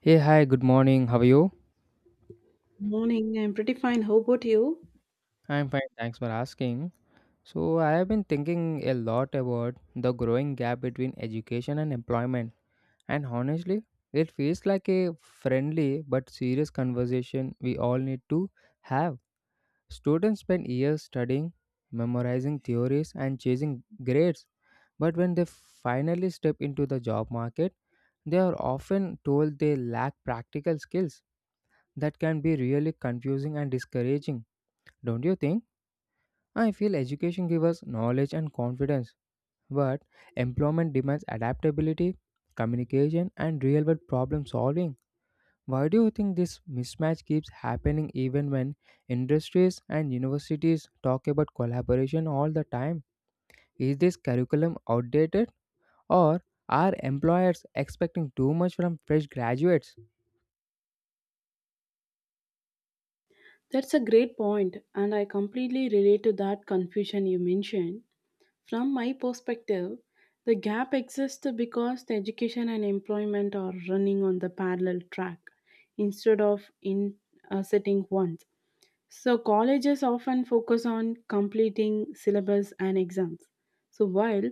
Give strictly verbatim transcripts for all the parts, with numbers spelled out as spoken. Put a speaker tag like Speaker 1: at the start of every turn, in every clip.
Speaker 1: Hey, hi, good morning. How are you?
Speaker 2: Morning, I'm pretty fine. How about you?
Speaker 1: I'm fine, thanks for asking. So, I have been thinking a lot about the growing gap between education and employment, and honestly, it feels like a friendly but serious conversation we all need to have. Students spend years studying, memorizing theories, and chasing grades, but when they finally step into the job market, they are often told they lack practical skills. That can be really confusing and discouraging, don't you think? I feel education gives us knowledge and confidence, but employment demands adaptability, communication, and real world problem solving. Why do you think this mismatch keeps happening even when industries and universities talk about collaboration all the time? Is this curriculum outdated, or are employers expecting too much from fresh graduates?
Speaker 2: That's a great point, and I completely relate to that confusion you mentioned. From my perspective, the gap exists because the education and employment are running on the parallel track instead of in uh, sitting once. So colleges often focus on completing syllabus and exams. So while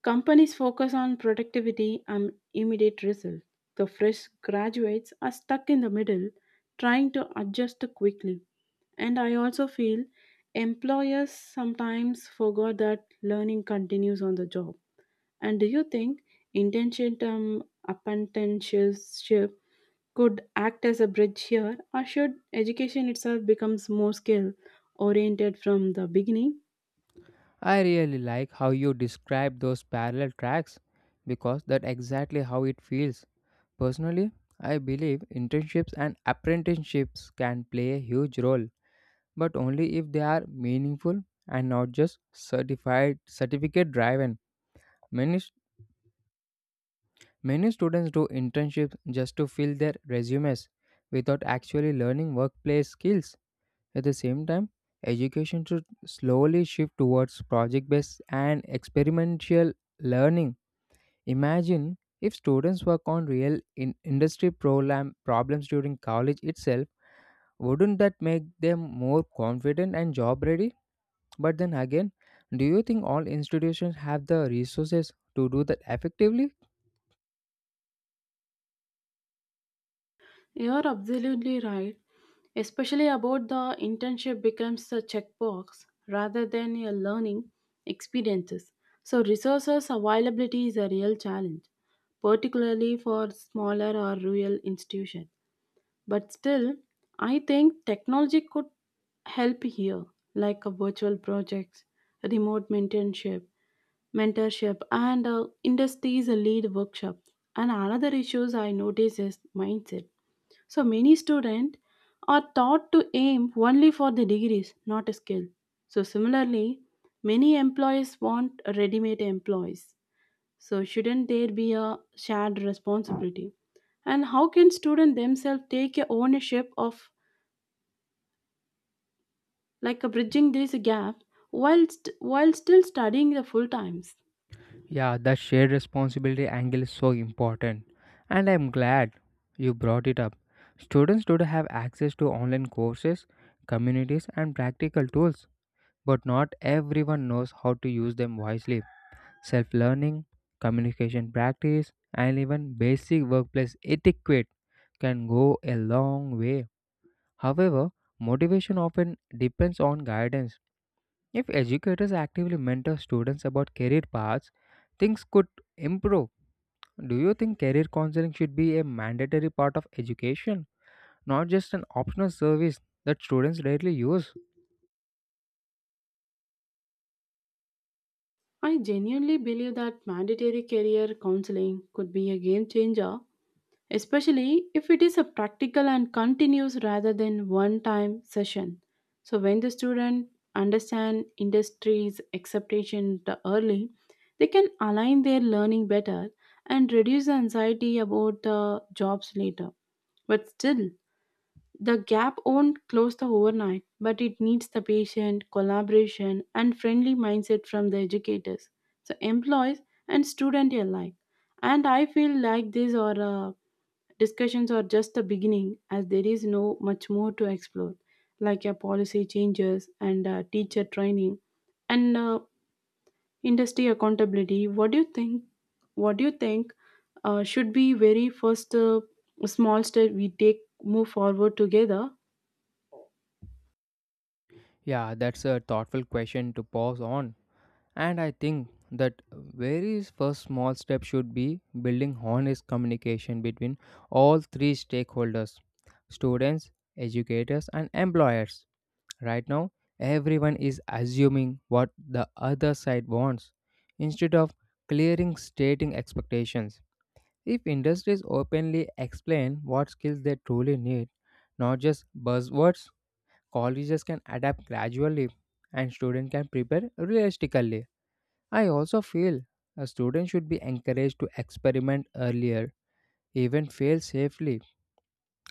Speaker 2: companies focus on productivity and immediate results. The fresh graduates are stuck in the middle, trying to adjust quickly. And I also feel employers sometimes forgot that learning continues on the job. And do you think internship um, apprenticeship could act as a bridge here, or should education itself becomes more skill oriented from the beginning?
Speaker 1: I really like how you describe those parallel tracks because that's exactly how it feels. Personally, I believe internships and apprenticeships can play a huge role, but only if they are meaningful and not just certified certificate driven. Many st- many students do internships just to fill their resumes without actually learning workplace skills. At the same time, education should slowly shift towards project-based and experimental learning. Imagine if students work on real in- industry problem problems during college itself. Wouldn't that make them more confident and job ready? But then again, do you think all institutions have the resources to do that effectively?
Speaker 2: You're absolutely right, especially about the internship becomes a checkbox rather than a learning experiences. So resources availability is a real challenge, particularly for smaller or rural institutions. But still, I think technology could help here, like a virtual projects, remote mentorship, mentorship, and uh, industries lead workshop. And another issues I notice is mindset, so many students are taught to aim only for the degrees, not a skill. So similarly, many employees want ready-made employees. So shouldn't there be a shared responsibility? And how can students themselves take a ownership of like a bridging this gap while st- while still studying the full times?
Speaker 1: Yeah, the shared responsibility angle is so important. And I'm glad you brought it up. Students today have access to online courses, communities, and practical tools, but not everyone knows how to use them wisely. Self learning, communication practice, and even basic workplace etiquette can go a long way. However, motivation often depends on guidance. If educators actively mentor students about career paths, things could improve. Do you think career counseling should be a mandatory part of education, not just an optional service that students rarely use?
Speaker 2: I genuinely believe that mandatory career counseling could be a game changer, especially if it is a practical and continuous rather than one time session. So when the student understand industry's expectation the early, they can align their learning better and reduce the anxiety about the jobs later. But still, the gap won't close the overnight, but it needs the patient collaboration and friendly mindset from the educators, so employees and student alike. And I feel like these are uh, discussions are just the beginning as there is no much more to explore, like a policy changes and uh, teacher training and uh, industry accountability. What do you think? What do you think uh, should be very first uh, small step we take move forward together?
Speaker 1: Yeah, that's a thoughtful question to pause on. And I think that very first small step should be building honest communication between all three stakeholders: students, educators, and employers. Right now, everyone is assuming what the other side wants instead of clearing stating expectations. If industries openly explain what skills they truly need, not just buzzwords, colleges can adapt gradually and students can prepare realistically. I also feel a student should be encouraged to experiment earlier, even fail safely,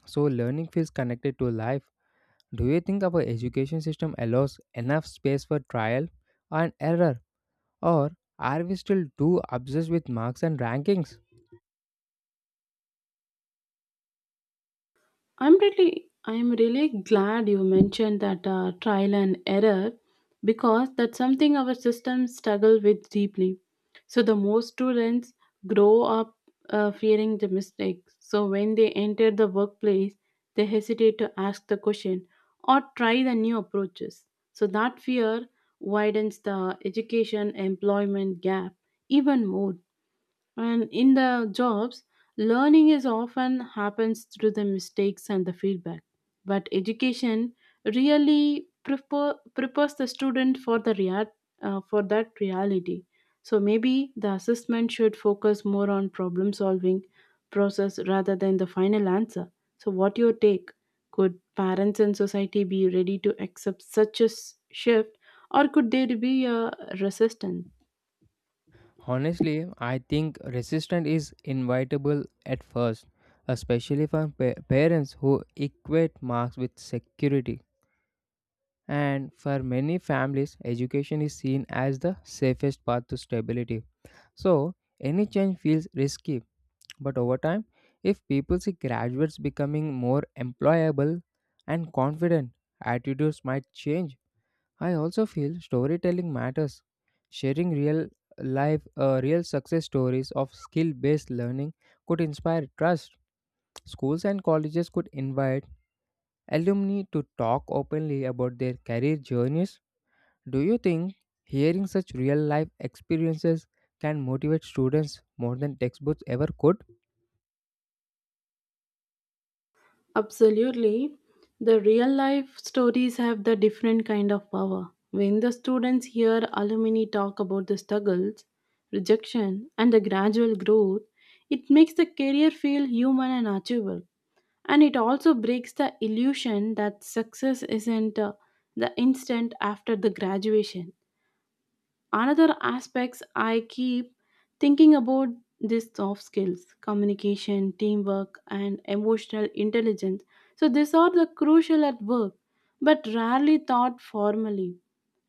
Speaker 1: so learning feels connected to life. Do you think our education system allows enough space for trial and error, or are we still too obsessed with marks and rankings?
Speaker 2: I'm really, I'm really glad you mentioned that uh, trial and error because that's something our system struggle with deeply. So the most students grow up uh, fearing the mistakes. So when they enter the workplace, they hesitate to ask the question or try the new approaches. So that fear widens the education employment gap even more. And in the jobs, learning is often happens through the mistakes and the feedback. But education really prepare, prepares the student for the rea- uh, for that reality. So maybe the assessment should focus more on problem solving process rather than the final answer. So what your take? Could parents and society be ready to accept such a s- shift, or could there be a resistance?
Speaker 1: Honestly, I think resistance is inevitable at first, especially for pa- parents who equate marks with security. And for many families, education is seen as the safest path to stability. So, any change feels risky. But over time, if people see graduates becoming more employable and confident, attitudes might change. I also feel storytelling matters. Sharing real life, uh, real success stories of skill based learning could inspire trust. Schools and colleges could invite alumni to talk openly about their career journeys. Do you think hearing such real life experiences can motivate students more than textbooks ever could?
Speaker 2: Absolutely. The real life stories have the different kind of power. When the students hear alumni talk about the struggles, rejection, and the gradual growth, it makes the career feel human and achievable. And it also breaks the illusion that success isn't uh, the instant after the graduation. Another aspects I keep thinking about these soft skills, communication, teamwork, and emotional intelligence. So these are the crucial at work, but rarely taught formally.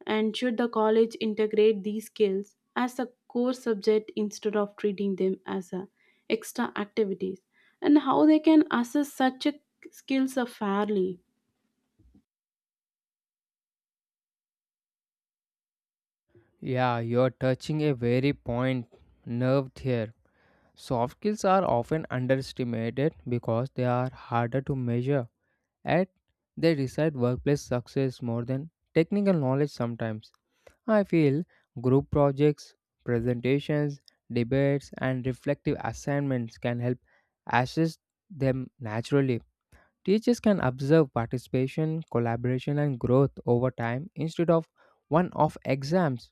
Speaker 2: And should the college integrate these skills as a core subject instead of treating them as a extra activities? And how they can assess such a skills fairly?
Speaker 1: Yeah, you're touching a very point nerve here. Soft skills are often underestimated because they are harder to measure, and they decide workplace success more than technical knowledge sometimes. I feel group projects, presentations, debates, and reflective assignments can help assess them naturally. Teachers can observe participation, collaboration, and growth over time instead of one off exams.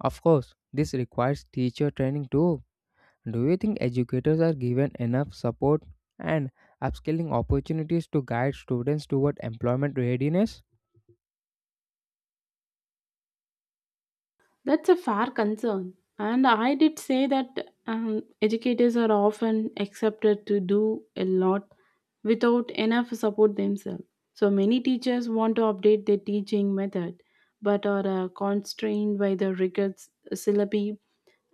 Speaker 1: Of course, this requires teacher training too. Do you think educators are given enough support and upskilling opportunities to guide students toward employment readiness?
Speaker 2: That's a fair concern. And I did say that um, educators are often accepted to do a lot without enough support themselves. So many teachers want to update their teaching method, but are uh, constrained by the rigorous syllabi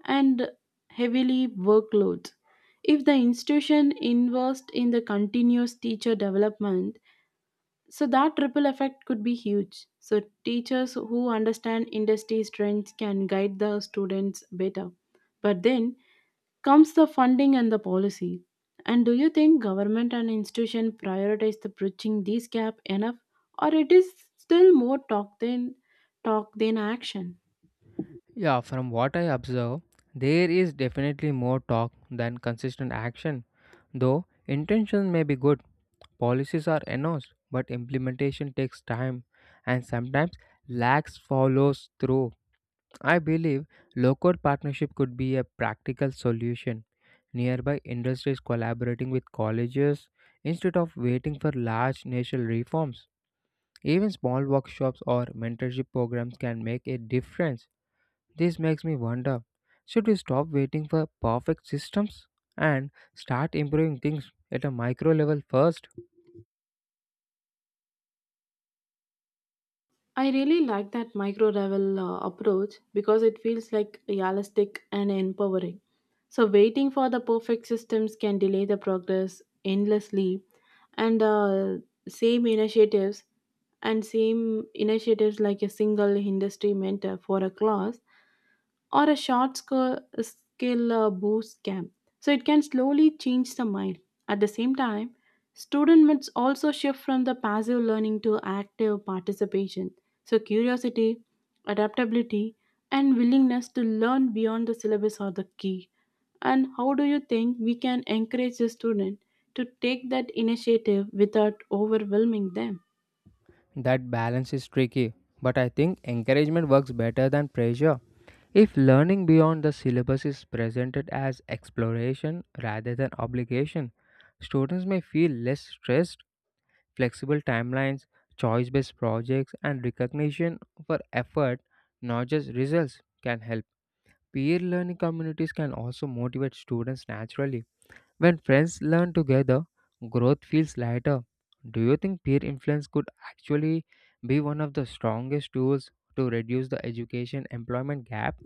Speaker 2: and heavily workloads. If the institution invests in the continuous teacher development, so that ripple effect could be huge. So teachers who understand industry trends can guide the students better. But then comes the funding and the policy. And do you think government and institution prioritize the bridging this gap enough, or it is still more talk than talk than action?
Speaker 1: Yeah, from what I observe, there is definitely more talk than consistent action. Though intentions may be good, policies are announced, but implementation takes time and sometimes lags follows through. I believe local partnership could be a practical solution. Nearby industries collaborating with colleges instead of waiting for large national reforms. Even small workshops or mentorship programs can make a difference. This makes me wonder, should we stop waiting for perfect systems and start improving things at a micro level first?
Speaker 2: I really like that micro level uh, approach because it feels like realistic and empowering. So, waiting for the perfect systems can delay the progress endlessly, and uh, same initiatives and same initiatives like a single industry mentor for a class or a short sk- skill uh, boost camp. So it can slowly change the mind. At the same time, student must also shift from the passive learning to active participation. So curiosity, adaptability, and willingness to learn beyond the syllabus are the key. And how do you think we can encourage the student to take that initiative without overwhelming them?
Speaker 1: That balance is tricky, but I think encouragement works better than pressure. If learning beyond the syllabus is presented as exploration rather than obligation, students may feel less stressed. Flexible timelines, choice based projects, and recognition for effort, not just results, can help. Peer learning communities can also motivate students naturally. When friends learn together, growth feels lighter. Do you think peer influence could actually be one of the strongest tools to reduce the education employment gap?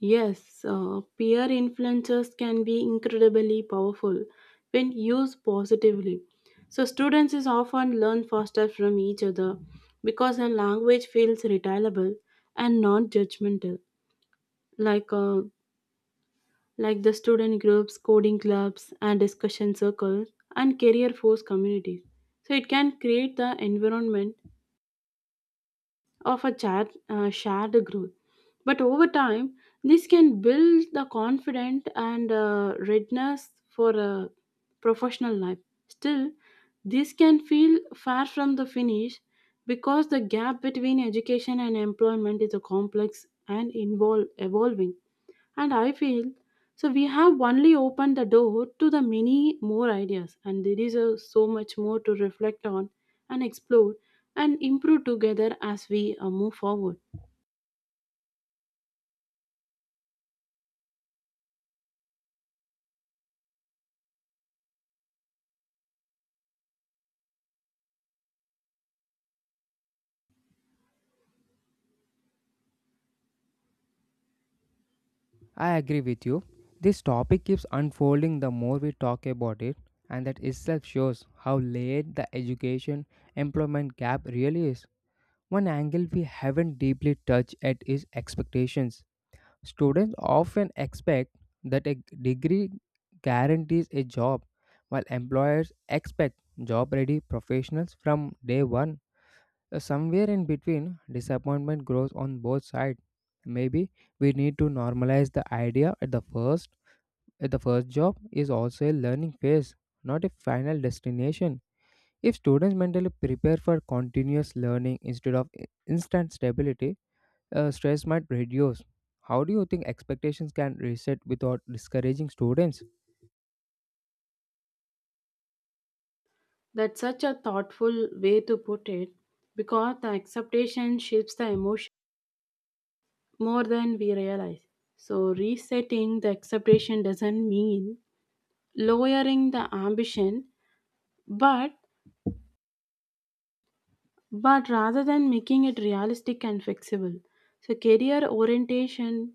Speaker 2: Yes, uh, peer influencers can be incredibly powerful when used positively. So students is often learn faster from each other because their language feels reliable and non-judgmental. Like uh, like the student groups, coding clubs, and discussion circles, and career force communities. So it can create the environment of a chat, uh, shared growth. But over time, this can build the confidence and uh, readiness for a professional life. Still, this can feel far from the finish because the gap between education and employment is a complex and involve evolving. And I feel so we have only opened the door to the many more ideas, and there is a, so much more to reflect on and explore and improve together as we uh, move forward.
Speaker 1: I agree with you. This topic keeps unfolding the more we talk about it, and that itself shows how layered the education employment gap really is. One angle we haven't deeply touched at is expectations. Students often expect that a degree guarantees a job, while employers expect job ready professionals from day one. Uh, Somewhere in between, disappointment grows on both sides. Maybe we need to normalize the idea at the first at the first job is also a learning phase, not a final destination. If students mentally prepare for continuous learning instead of i- instant stability, uh, stress might reduce. How do you think expectations can reset without discouraging students?
Speaker 2: That's such a thoughtful way to put it because the acceptation shapes the emotion more than we realize. So, resetting the acceptation doesn't mean lowering the ambition, but but rather than making it realistic and flexible. So, career orientation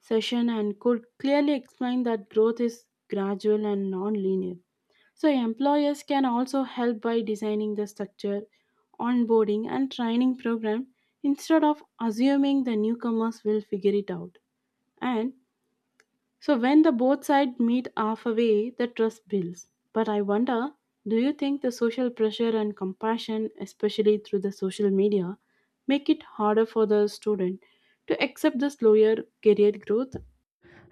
Speaker 2: session and could clearly explain that growth is gradual and non-linear. So employers can also help by designing the structure, onboarding and training program instead of assuming the newcomers will figure it out. And so when the both sides meet halfway, the trust builds. But I wonder, do you think the social pressure and compassion, especially through the social media, make it harder for the student to accept the slower career growth?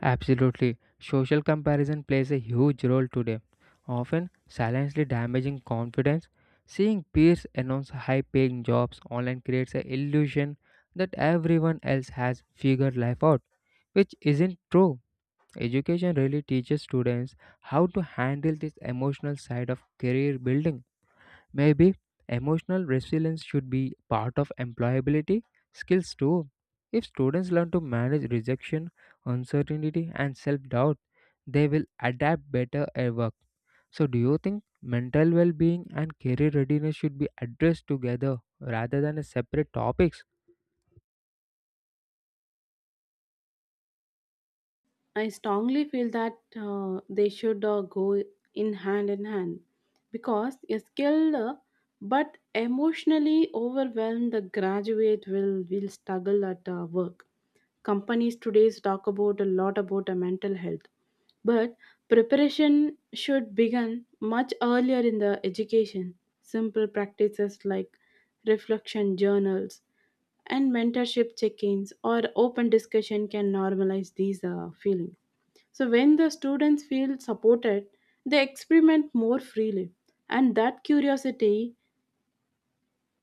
Speaker 1: Absolutely. Social comparison plays a huge role today, often silently damaging confidence. Seeing peers announce high paying jobs online creates an illusion that everyone else has figured life out, which isn't true. Education really teaches students how to handle this emotional side of career building. Maybe emotional resilience should be part of employability skills too. If students learn to manage rejection, uncertainty, and self doubt, they will adapt better at work. So, do you think mental well being and career readiness should be addressed together rather than as separate topics?
Speaker 2: I strongly feel that uh, they should uh, go in hand in hand because a skilled uh, but emotionally overwhelmed graduate will, will struggle at uh, work. Companies today talk about a lot about uh, mental health, but preparation should begin much earlier in the education. Simple practices like reflection journals and mentorship check ins or open discussion can normalize these uh, feelings. So, when the students feel supported, they experiment more freely, and that curiosity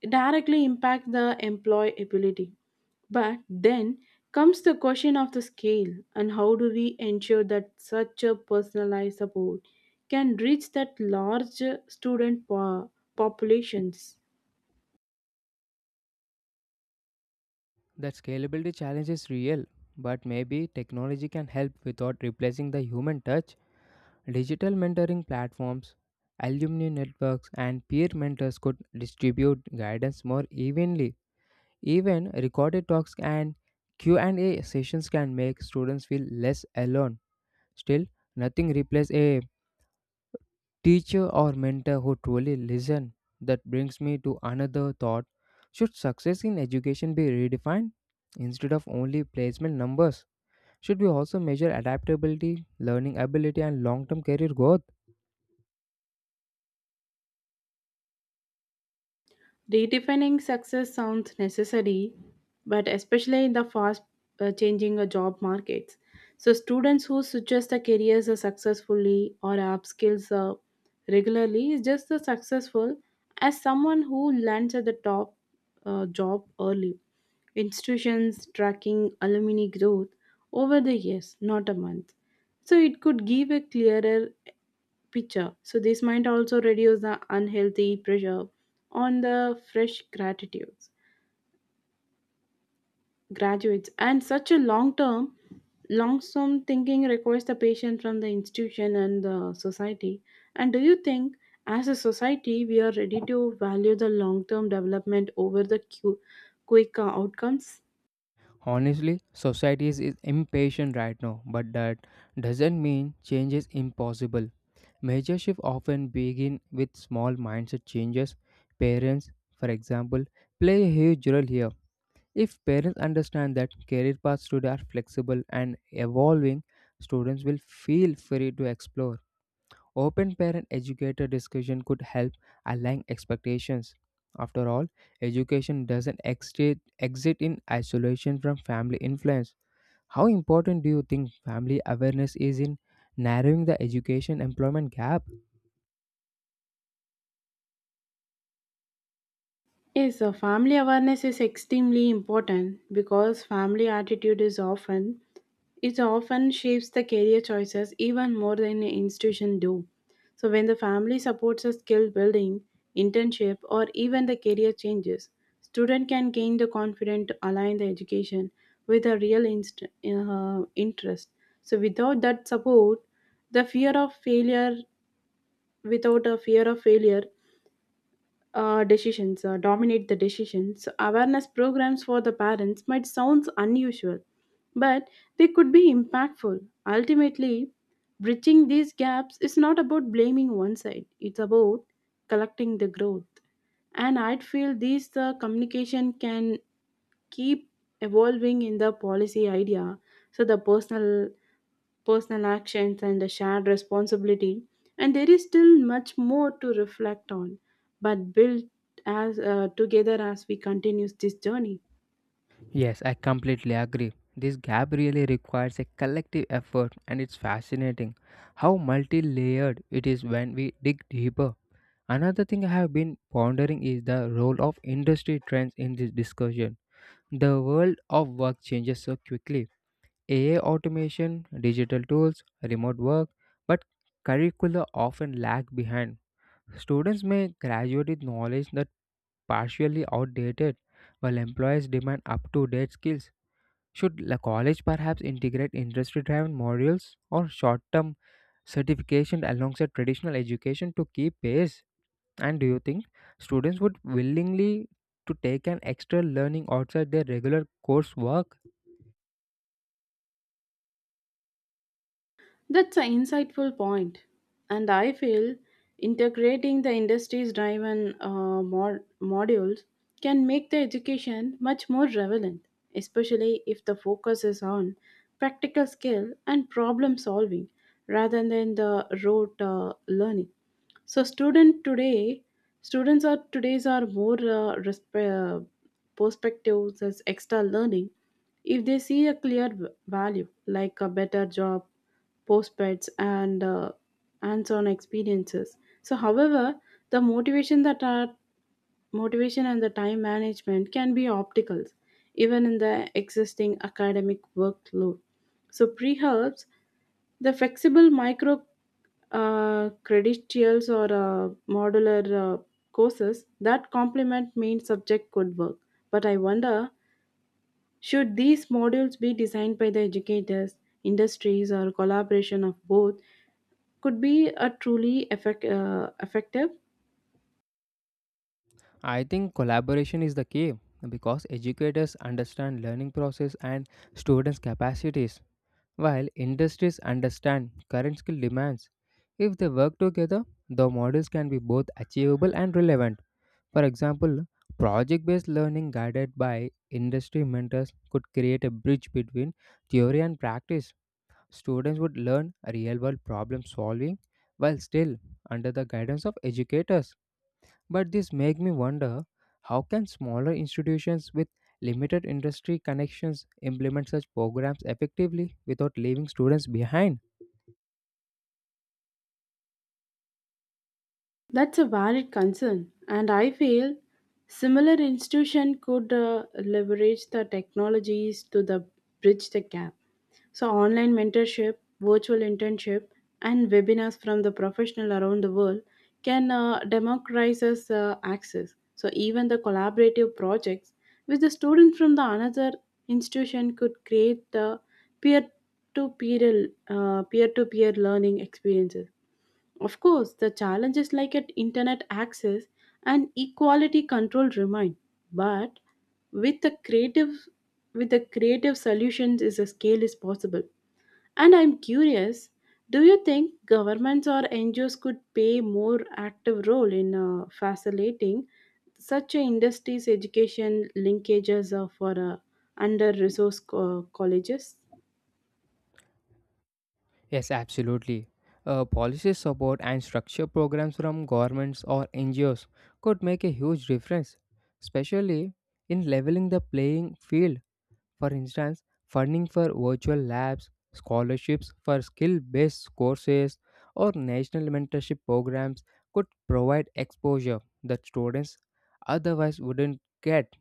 Speaker 2: directly impact the employability. But then comes the question of the scale. And how do we ensure that such a personalized support can reach that large student po- populations?
Speaker 1: That scalability challenge is real, but maybe technology can help without replacing the human touch. Digital mentoring platforms, alumni networks, and peer mentors could distribute guidance more evenly. Even recorded talks and Q and A sessions can make students feel less alone. Still, nothing replaces a teacher or mentor who truly listen. That brings me to another thought. Should success in education be redefined instead of only placement numbers? Should we also measure adaptability, learning ability, and long term career growth?
Speaker 2: Redefining success sounds necessary, but especially in the fast uh, changing uh, job markets. So, students who suggest the careers are successfully or upskills uh, regularly is just as successful as someone who lands at the top uh, job early. Institutions tracking alumni growth over the years, not a month. So, it could give a clearer picture. So this might also reduce the unhealthy pressure on the fresh gratitudes graduates. And such a long term, long term, thinking requires the patient from the institution and the society. And do you think as a society we are ready to value the long term development over the cu- quick uh, outcomes?
Speaker 1: Honestly, society is is impatient right now, but that doesn't mean change is impossible. Major shifts often begin with small mindset changes. Parents, for example, play a huge role here. If parents understand that career paths today are flexible and evolving, students will feel free to explore. Open parent educator discussion could help align expectations. After all, education doesn't exit exit in isolation from family influence. How important do you think family awareness is in narrowing the education employment gap?
Speaker 2: Yes, so family awareness is extremely important because family attitude is often, it often shapes the career choices even more than an institution do. So when the family supports a skill building, internship, or even the career changes, student can gain the confidence to align the education with a real inst- uh, interest. So without that support, the fear of failure, without a fear of failure, uh, decisions uh, dominate the decisions awareness programs for the parents might sound unusual, but they could be impactful. Ultimately, bridging these gaps is not about blaming one side, it's about collecting the growth. And I feel these uh, communication can keep evolving in the policy idea, so the personal personal actions and the shared responsibility. And there is still much more to reflect on, but build as uh, together as we continue this journey.
Speaker 1: Yes, I completely agree. This gap really requires a collective effort, and it's fascinating how multi layered it is when we dig deeper. Another thing I have been pondering is the role of industry trends in this discussion. The world of work changes so quickly: A I automation, digital tools, remote work, but curricula often lag behind. Students may graduate with knowledge that partially outdated, while employers demand up-to-date skills. Should the college perhaps integrate industry-driven modules or short-term certification alongside traditional education to keep pace? And do you think students would willingly to take an extra learning outside their regular coursework?
Speaker 2: That's an insightful point, and I feel integrating the industry's driven uh, mod- modules can make the education much more relevant, especially if the focus is on practical skill and problem solving rather than the rote uh, learning. So, student today, students are today's are more uh, resp- uh, perspectives as extra learning if they see a clear v- value like a better job postbeds and uh, hands-on experiences. So however the motivation that are motivation and the time management can be obstacles even in the existing academic workload. So pre-helps the flexible micro uh, credentials or uh, modular uh, courses that complement main subject could work. But I wonder, should these modules be designed by the educators, industries, or collaboration of both, could be a truly effect, uh, effective?
Speaker 1: I think collaboration is the key because educators understand learning process and students' capacities. While industries understand current skill demands, if they work together, the models can be both achievable and relevant. For example, project based learning guided by industry mentors could create a bridge between theory and practice. Students would learn real world problem solving while still under the guidance of educators. But this makes me wonder, how can smaller institutions with limited industry connections implement such programs effectively without leaving students behind?
Speaker 2: That's a valid concern, and I feel similar institution could uh, leverage the technologies to the bridge the gap. So online mentorship, virtual internship, and webinars from the professional around the world can uh, democratize us, uh, access. So even the collaborative projects with the student from the another institution could create the peer to peer peer to peer learning experiences. Of course, the challenges like at internet access and equality control remain, but with the creative with the creative solutions is a scale is possible. And I'm curious, do you think governments or N G Os could play more active role in uh, facilitating such a industries education linkages uh, for uh, under-resourced co- colleges?
Speaker 1: Yes, absolutely. Uh, policy support and structure programs from governments or N G Os could make a huge difference, especially in leveling the playing field. For instance, funding for virtual labs, scholarships for skill based courses, or national mentorship programs could provide exposure that students otherwise wouldn't get.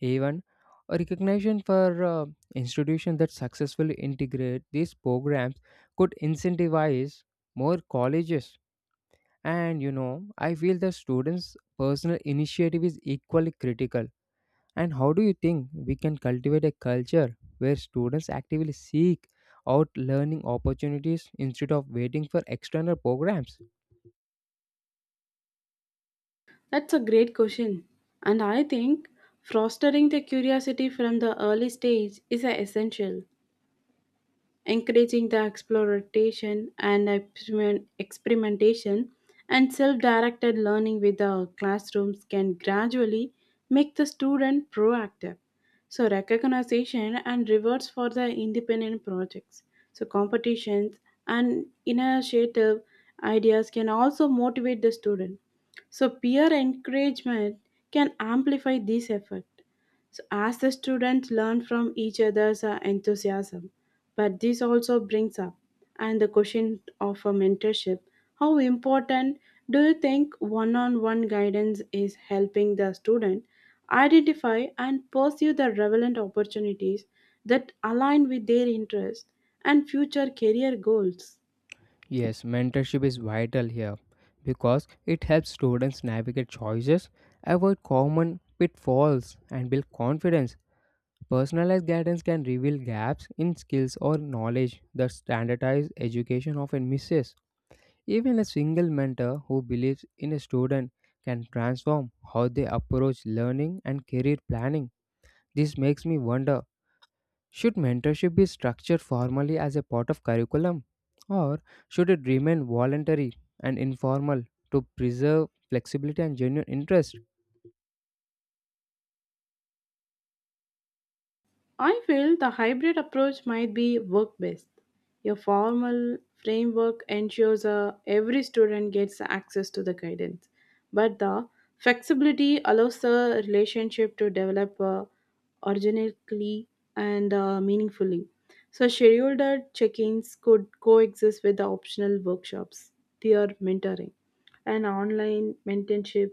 Speaker 1: Even a recognition for uh, institutions that successfully integrate these programs could incentivize more colleges. And you know, I feel that students' personal initiative is equally critical. And how do you think we can cultivate a culture where students actively seek out learning opportunities instead of waiting for external programs?
Speaker 2: That's a great question. And I think fostering the curiosity from the early stage is uh, essential. Encouraging the exploration and experiment- experimentation and self-directed learning with the classrooms can gradually make the student proactive. So recognition and rewards for the independent projects, so competitions and initiative ideas can also motivate the student. So peer encouragement can amplify this effort, so as the students learn from each other's uh, enthusiasm. But this also brings up and the question of a mentorship. How important do you think one-on-one guidance is helping the student identify and pursue the relevant opportunities that align with their interests and future career goals?
Speaker 1: Yes, mentorship is vital here because it helps students navigate choices, avoid common pitfalls, and build confidence. Personalized guidance can reveal gaps in skills or knowledge that standardized education often misses. Even a single mentor who believes in a student can transform how they approach learning and career planning. This makes me wonder, should mentorship be structured formally as a part of curriculum, or should it remain voluntary and informal to preserve flexibility and genuine interest?
Speaker 2: I feel the hybrid approach might be work best. A formal framework ensures uh, every student gets access to the guidance, but the flexibility allows the relationship to develop uh, organically and uh, meaningfully. So, scheduled check ins could coexist with the optional workshops, peer mentoring, and online mentorship,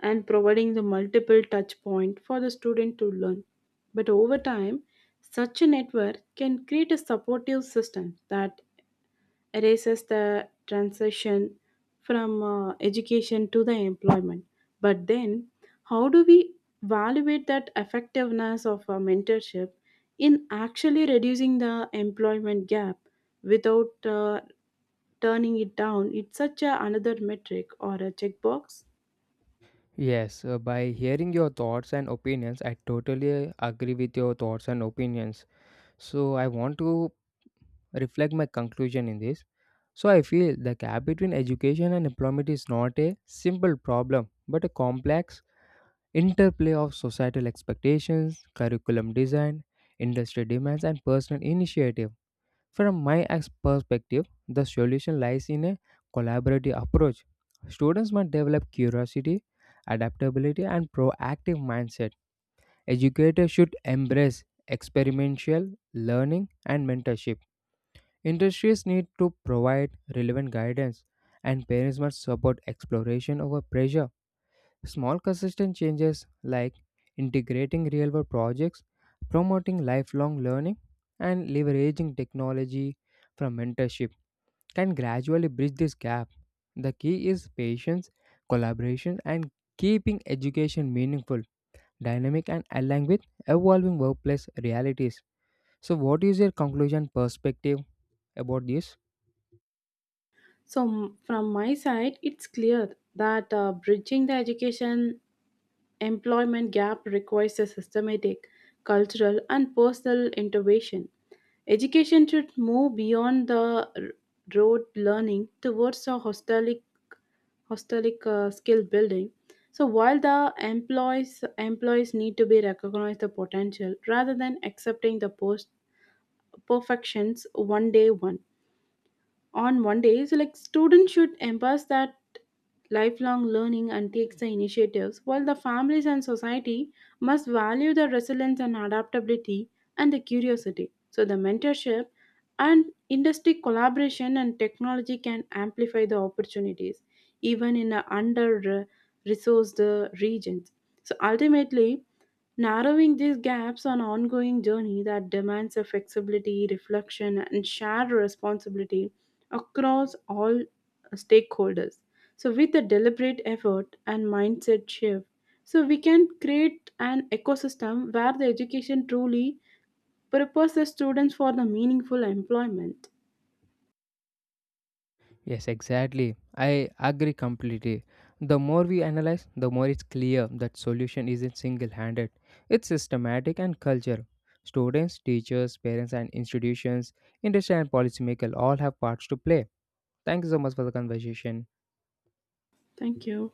Speaker 2: and providing the multiple touch point for the student to learn. But over time, such a network can create a supportive system that erases the transition from uh, education to the employment. But then, how do we evaluate that effectiveness of a mentorship in actually reducing the employment gap without uh, turning it down? It's such a, another metric or a checkbox.
Speaker 1: Yes, uh, by hearing your thoughts and opinions, I totally agree with your thoughts and opinions. So, I want to reflect my conclusion in this. So I feel the gap between education and employment is not a simple problem, but a complex interplay of societal expectations, curriculum design, industry demands, and personal initiative. From my ex- perspective, the solution lies in a collaborative approach. Students must develop curiosity, adaptability, and proactive mindset. Educators should embrace experiential learning and mentorship. Industries need to provide relevant guidance, and parents must support exploration over pressure. Small, consistent changes like integrating real world projects, promoting lifelong learning, and leveraging technology from mentorship can gradually bridge this gap. The key is patience, collaboration, and keeping education meaningful, dynamic, and aligned with evolving workplace realities. So, what is your conclusion perspective about this?
Speaker 2: So, m- from my side, it's clear that uh, bridging the education employment gap requires a systematic, cultural, and personal intervention. Education should move beyond the r- rote learning towards a holistic, holistic, uh, skill building. So while the employees employees need to be recognized the potential rather than accepting the post perfections one day one on one day, so like students should embrace that lifelong learning and takes the initiatives, while the families and society must value the resilience and adaptability and the curiosity. So the mentorship and industry collaboration and technology can amplify the opportunities even in the under resourced regions. So ultimately, narrowing these gaps on ongoing journey that demands a flexibility, reflection, and shared responsibility across all stakeholders. So, with a deliberate effort and mindset shift, so we can create an ecosystem where the education truly prepares the students for the meaningful employment.
Speaker 1: Yes, exactly. I agree completely. The more we analyze, the more it's clear that solution isn't single-handed. It's systematic and culture. Students, teachers, parents, and institutions, industry and policymakers all have parts to play. Thank you so much for the conversation.
Speaker 2: Thank you.